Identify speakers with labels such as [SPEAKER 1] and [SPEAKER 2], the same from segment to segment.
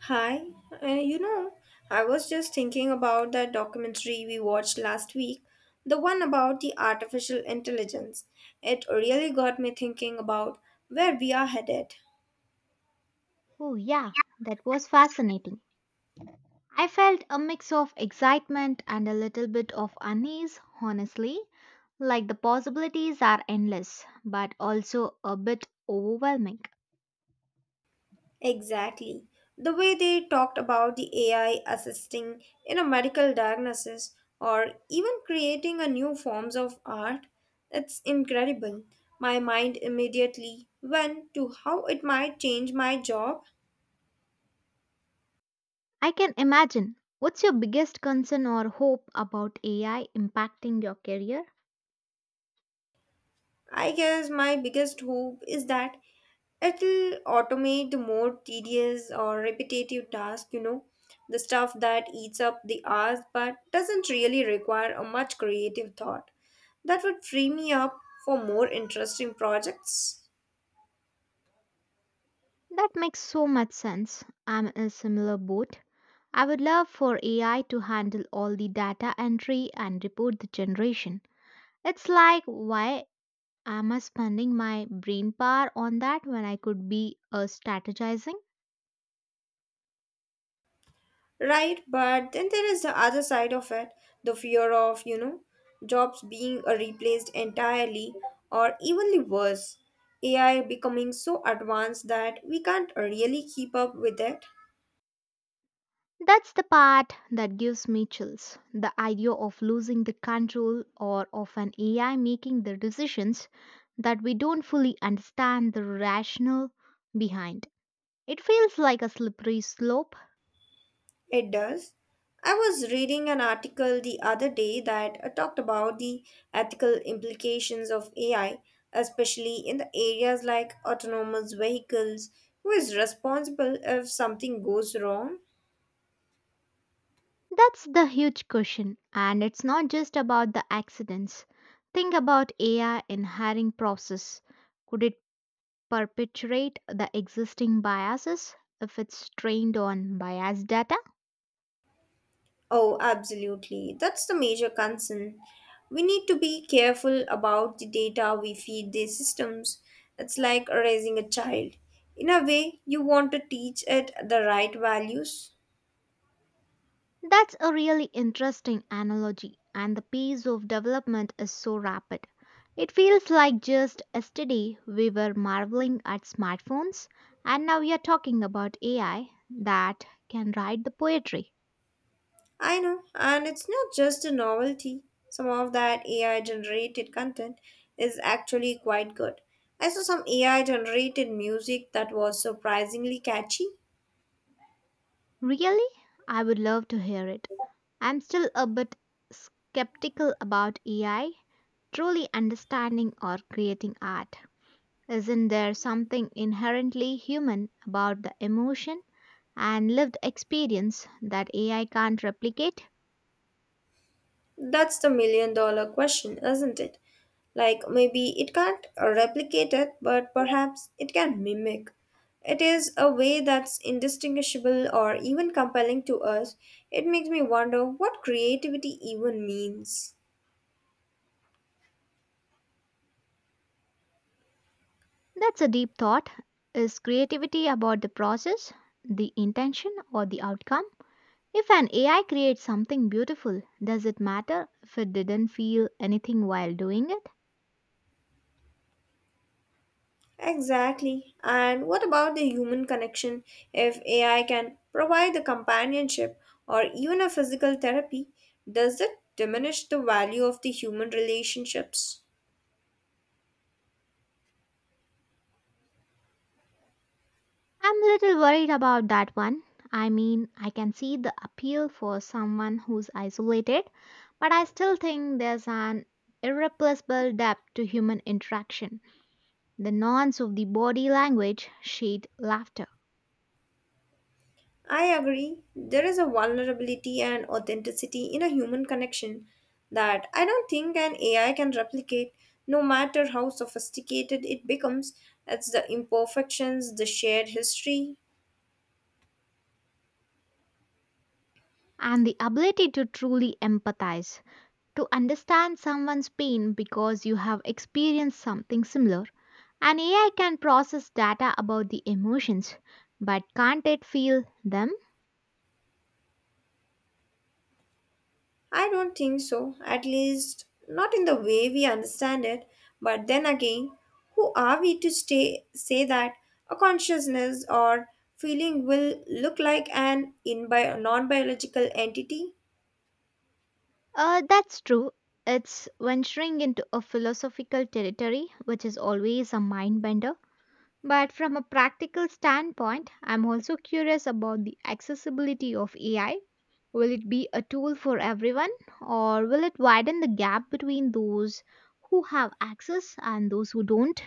[SPEAKER 1] Hi, uh, you know, I was just thinking about that documentary we watched last week, the one about the artificial intelligence. It really got me thinking about where we are headed.
[SPEAKER 2] Oh, yeah, that was fascinating. I felt a mix of excitement and a little bit of unease, honestly. Like the possibilities are endless, but also a bit overwhelming.
[SPEAKER 1] Exactly. The way they talked about the AI assisting in a medical diagnosis or even creating a new forms of art, it's incredible. My mind immediately went to how it might change my job.
[SPEAKER 2] I can imagine. What's your biggest concern or hope about AI impacting your career?
[SPEAKER 1] I guess my biggest hope is that it'll automate the more tedious or repetitive tasks, the stuff that eats up the hours but doesn't really require a much creative thought. That would free me up for more interesting projects.
[SPEAKER 2] That makes so much sense. I'm in a similar boat. I would love for AI to handle all the data entry and report the generation. It's like why I am I spending my brain power on that when I could be strategizing.
[SPEAKER 1] Right, but then there is the other side of it, the fear of, jobs being replaced entirely or evenly worse. AI becoming so advanced that we can't really keep up with it.
[SPEAKER 2] That's the part that gives me chills. The idea of losing the control or of an AI making the decisions that we don't fully understand the rationale behind. It feels like a slippery slope.
[SPEAKER 1] It does. I was reading an article the other day that talked about the ethical implications of AI, especially in the areas like autonomous vehicles. Who is responsible if something goes wrong?
[SPEAKER 2] That's the huge question, and it's not just about the accidents. Think about AI in hiring process. Could it perpetuate the existing biases if it's trained on biased data?
[SPEAKER 1] Oh, absolutely. That's the major concern. We need to be careful about the data we feed these systems. It's like raising a child. In a way, you want to teach it the right values.
[SPEAKER 2] That's a really interesting analogy, and the pace of development is so rapid. It feels like just yesterday we were marveling at smartphones, and now we are talking about AI that can write the poetry.
[SPEAKER 1] I know, and it's not just a novelty. Some of that AI generated content is actually quite good. I saw some AI generated music that was surprisingly catchy.
[SPEAKER 2] Really? I would love to hear it. I'm still a bit skeptical about AI truly understanding or creating art. Isn't there something inherently human about the emotion and lived experience that AI can't replicate?
[SPEAKER 1] That's the million dollar question, isn't it? Like maybe it can't replicate it, but perhaps it can mimic. It is a way that's indistinguishable or even compelling to us. It makes me wonder what creativity even means.
[SPEAKER 2] That's a deep thought. Is creativity about the process, the intention, or the outcome? If an AI creates something beautiful, does it matter if it didn't feel anything while doing it?
[SPEAKER 1] Exactly. And what about the human connection? If AI can provide the companionship or even a physical therapy, does it diminish the value of the human relationships?
[SPEAKER 2] I'm a little worried about that one. I mean, I can see the appeal for someone who's isolated, but I still think there's an irreplaceable depth to human interaction. The nuance of the body language, shade, laughter,
[SPEAKER 1] I agree. There is a vulnerability and authenticity in a human connection that I don't think an AI can replicate, no matter how sophisticated it becomes. It's the imperfections, the shared history.
[SPEAKER 2] and the ability to truly empathize, to understand someone's pain because you have experienced something similar. An AI can process data about the emotions, but can't it feel them?
[SPEAKER 1] I don't think so, at least not in the way we understand it. But then again, who are we to say that a consciousness or feeling will look like an in non biological entity?
[SPEAKER 2] That's true. It's venturing into a philosophical territory, which is always a mind bender. But from a practical standpoint, I'm also curious about the accessibility of AI. Will it be a tool for everyone, or will it widen the gap between those who have access and those who don't?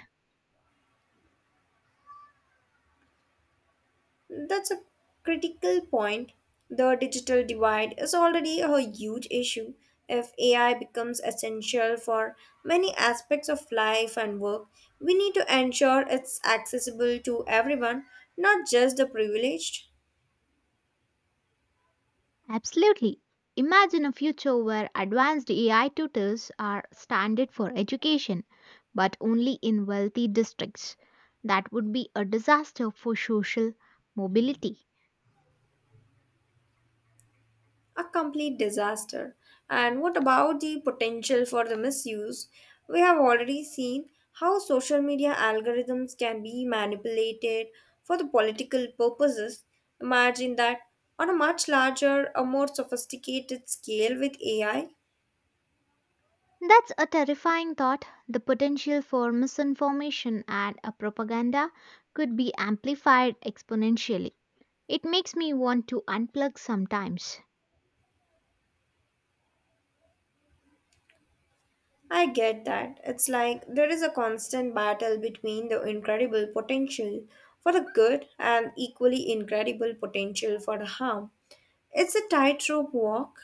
[SPEAKER 1] That's a critical point. The digital divide is already a huge issue. If AI becomes essential for many aspects of life and work, we need to ensure it's accessible to everyone, not just the privileged.
[SPEAKER 2] Absolutely. Imagine a future where advanced AI tutors are standard for education, but only in wealthy districts. That would be a disaster for social mobility.
[SPEAKER 1] A complete disaster. And what about the potential for the misuse? We have already seen how social media algorithms can be manipulated for the political purposes. Imagine that on a much larger, a more sophisticated scale with AI. I
[SPEAKER 2] That's a terrifying thought. The potential for misinformation and a propaganda could be amplified exponentially. It makes me want to unplug sometimes.
[SPEAKER 1] I get that. It's like there is a constant battle between the incredible potential for the good and equally incredible potential for the harm. It's a tightrope walk.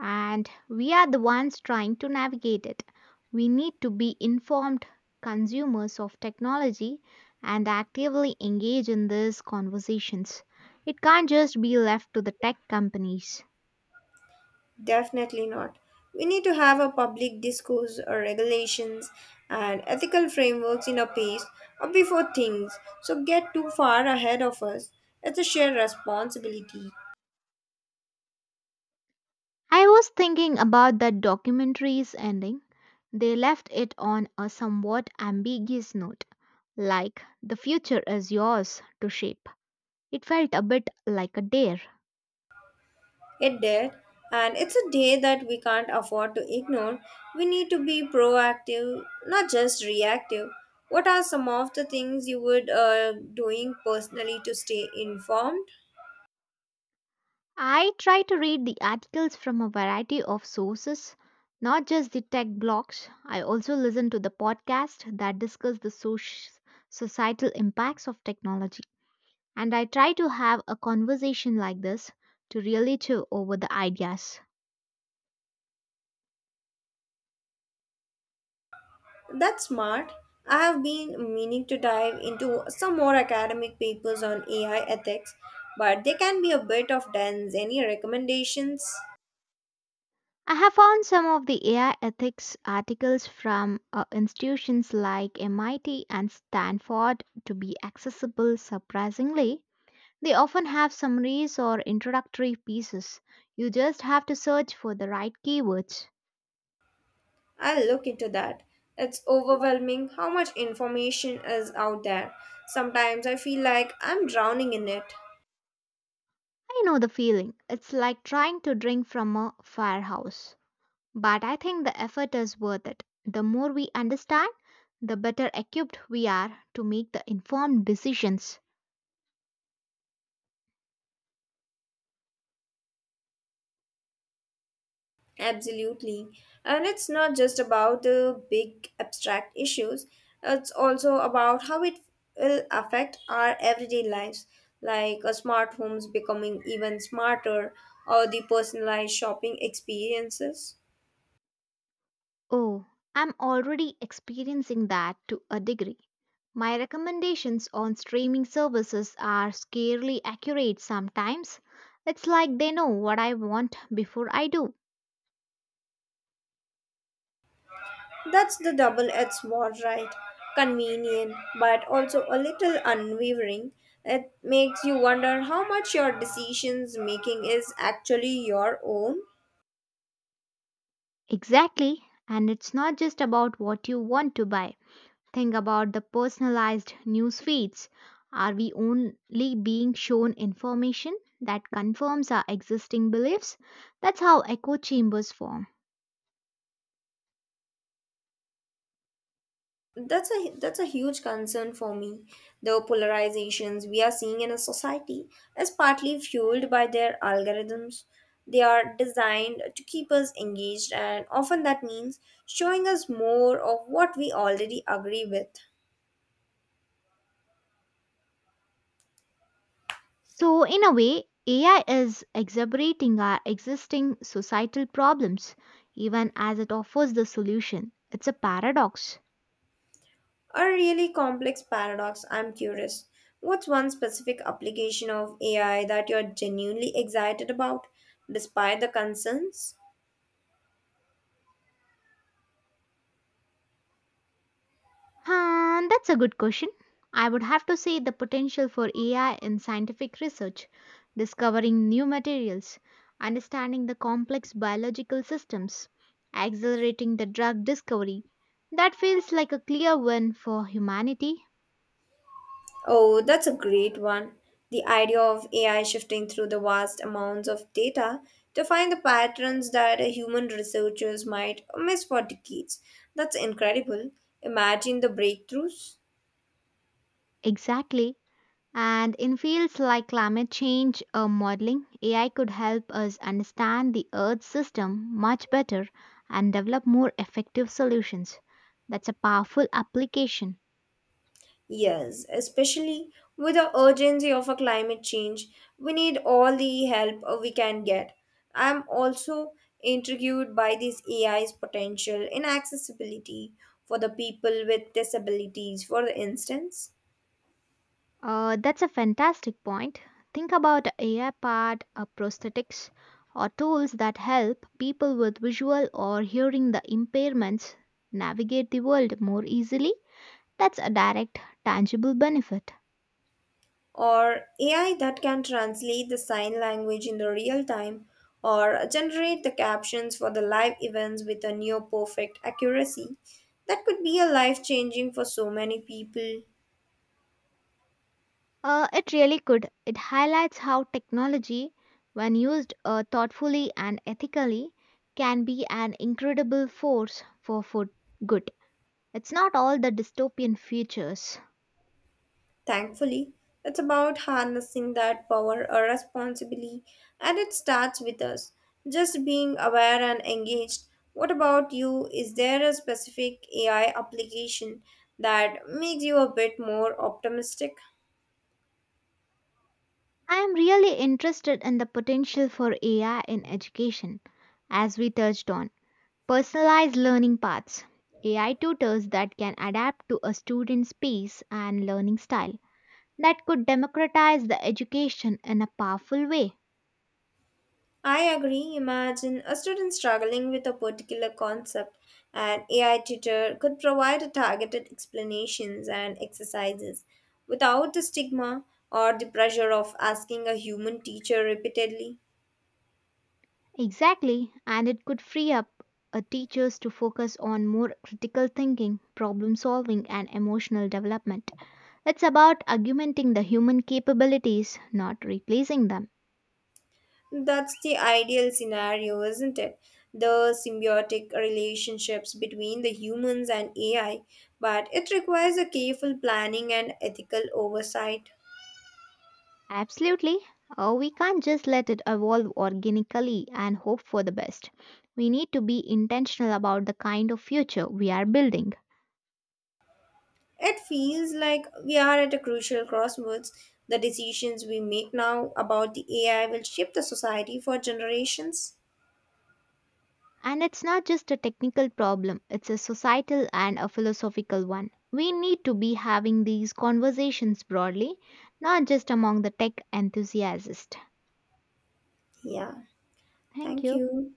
[SPEAKER 2] And we are the ones trying to navigate it. We need to be informed consumers of technology and actively engage in these conversations. It can't just be left to the tech companies.
[SPEAKER 1] Definitely not. We need to have a public discourse or regulations and ethical frameworks in a pace or before things so get too far ahead of us. It's a shared responsibility.
[SPEAKER 2] I was thinking about that documentary's ending. They left it on a somewhat ambiguous note, like, the future is yours to shape. It felt a bit like a dare.
[SPEAKER 1] It did, and it's a day that we can't afford to ignore. We need to be proactive, not just reactive. What are some of the things you would doing personally to stay informed?
[SPEAKER 2] I try to read the articles from a variety of sources, not just the tech blogs. I also listen to the podcasts that discuss the societal impacts of technology. And I try to have a conversation like this to really chew over the ideas.
[SPEAKER 1] That's smart. I have been meaning to dive into some more academic papers on AI ethics, but they can be a bit of dense. Any recommendations?
[SPEAKER 2] I have found some of the AI ethics articles from institutions like MIT and Stanford to be accessible surprisingly. They often have summaries or introductory pieces. You just have to search for the right keywords.
[SPEAKER 1] I'll look into that. It's overwhelming how much information is out there. Sometimes I feel like I'm drowning in it.
[SPEAKER 2] I know the feeling. It's like trying to drink from a firehouse. But I think the effort is worth it. The more we understand, the better equipped we are to make the informed decisions.
[SPEAKER 1] Absolutely. And it's not just about the big abstract issues, it's also about how it will affect our everyday lives, like a smart homes becoming even smarter or the personalized shopping experiences.
[SPEAKER 2] Oh, I'm already experiencing that to a degree. My recommendations on streaming services are scarcely accurate sometimes. It's like they know what I want before I do.
[SPEAKER 1] That's the double edged sword, right? Convenient, but also a little unwavering. It makes you wonder how much your decisions making is actually your own.
[SPEAKER 2] Exactly, and it's not just about what you want to buy. Think about the personalized news feeds. Are we only being shown information that confirms our existing beliefs? That's how echo chambers form.
[SPEAKER 1] That's a huge concern for me. The polarizations we are seeing in a society is partly fueled by their algorithms. They are designed to keep us engaged and often that means showing us more of what we already agree with.
[SPEAKER 2] So, in a way, AI is exacerbating our existing societal problems, even as it offers the solution. It's a paradox.
[SPEAKER 1] A really complex paradox, I'm curious. What's one specific application of AI that you're genuinely excited about despite the concerns?
[SPEAKER 2] And that's a good question. I would have to say the potential for AI in scientific research, discovering new materials, understanding the complex biological systems, accelerating the drug discovery. That feels like a clear win for humanity.
[SPEAKER 1] Oh, that's a great one. The idea of AI shifting through the vast amounts of data to find the patterns that human researchers might miss for decades. That's incredible. Imagine the breakthroughs.
[SPEAKER 2] Exactly. And in fields like climate change modeling, AI could help us understand the Earth system much better and develop more effective solutions. That's a powerful application.
[SPEAKER 1] Yes, especially with the urgency of a climate change, we need all the help we can get. I'm also intrigued by this AI's potential in accessibility for the people with disabilities, for instance.
[SPEAKER 2] That's a fantastic point. Think about AI powered prosthetics or tools that help people with visual or hearing the impairments navigate the world more easily. That's a direct, tangible benefit.
[SPEAKER 1] Or AI that can translate the sign language in the real time or generate the captions for the live events with a near perfect accuracy. That could be a life changing for so many people.
[SPEAKER 2] It really could. It highlights how technology, when used thoughtfully and ethically, can be an incredible force for food good. It's not all the dystopian futures.
[SPEAKER 1] Thankfully, it's about harnessing that power or responsibly, and it starts with us. Just being aware and engaged. What about you? Is there a specific AI application that makes you a bit more optimistic?
[SPEAKER 2] I am really interested in the potential for AI in education, as we touched on. Personalized learning paths, AI tutors that can adapt to a student's pace and learning style, that could democratize the education in a powerful way.
[SPEAKER 1] I agree. Imagine a student struggling with a particular concept, an AI tutor could provide a targeted explanations and exercises without the stigma or the pressure of asking a human teacher repeatedly.
[SPEAKER 2] Exactly, and it could free up teachers to focus on more critical thinking, problem solving, and emotional development. It's about augmenting the human capabilities, not replacing them.
[SPEAKER 1] That's the ideal scenario, isn't it? The symbiotic relationships between the humans and AI, but it requires a careful planning and ethical oversight.
[SPEAKER 2] Absolutely. We can't just let it evolve organically and hope for the best. We need to be intentional about the kind of future we are building.
[SPEAKER 1] It feels like we are at a crucial crossroads. The decisions we make now about the AI will shape the society for generations.
[SPEAKER 2] And it's not just a technical problem, it's a societal and a philosophical one. We need to be having these conversations broadly, not just among the tech enthusiasts.
[SPEAKER 1] Yeah,
[SPEAKER 2] Thank
[SPEAKER 1] thank
[SPEAKER 2] you.
[SPEAKER 1] you.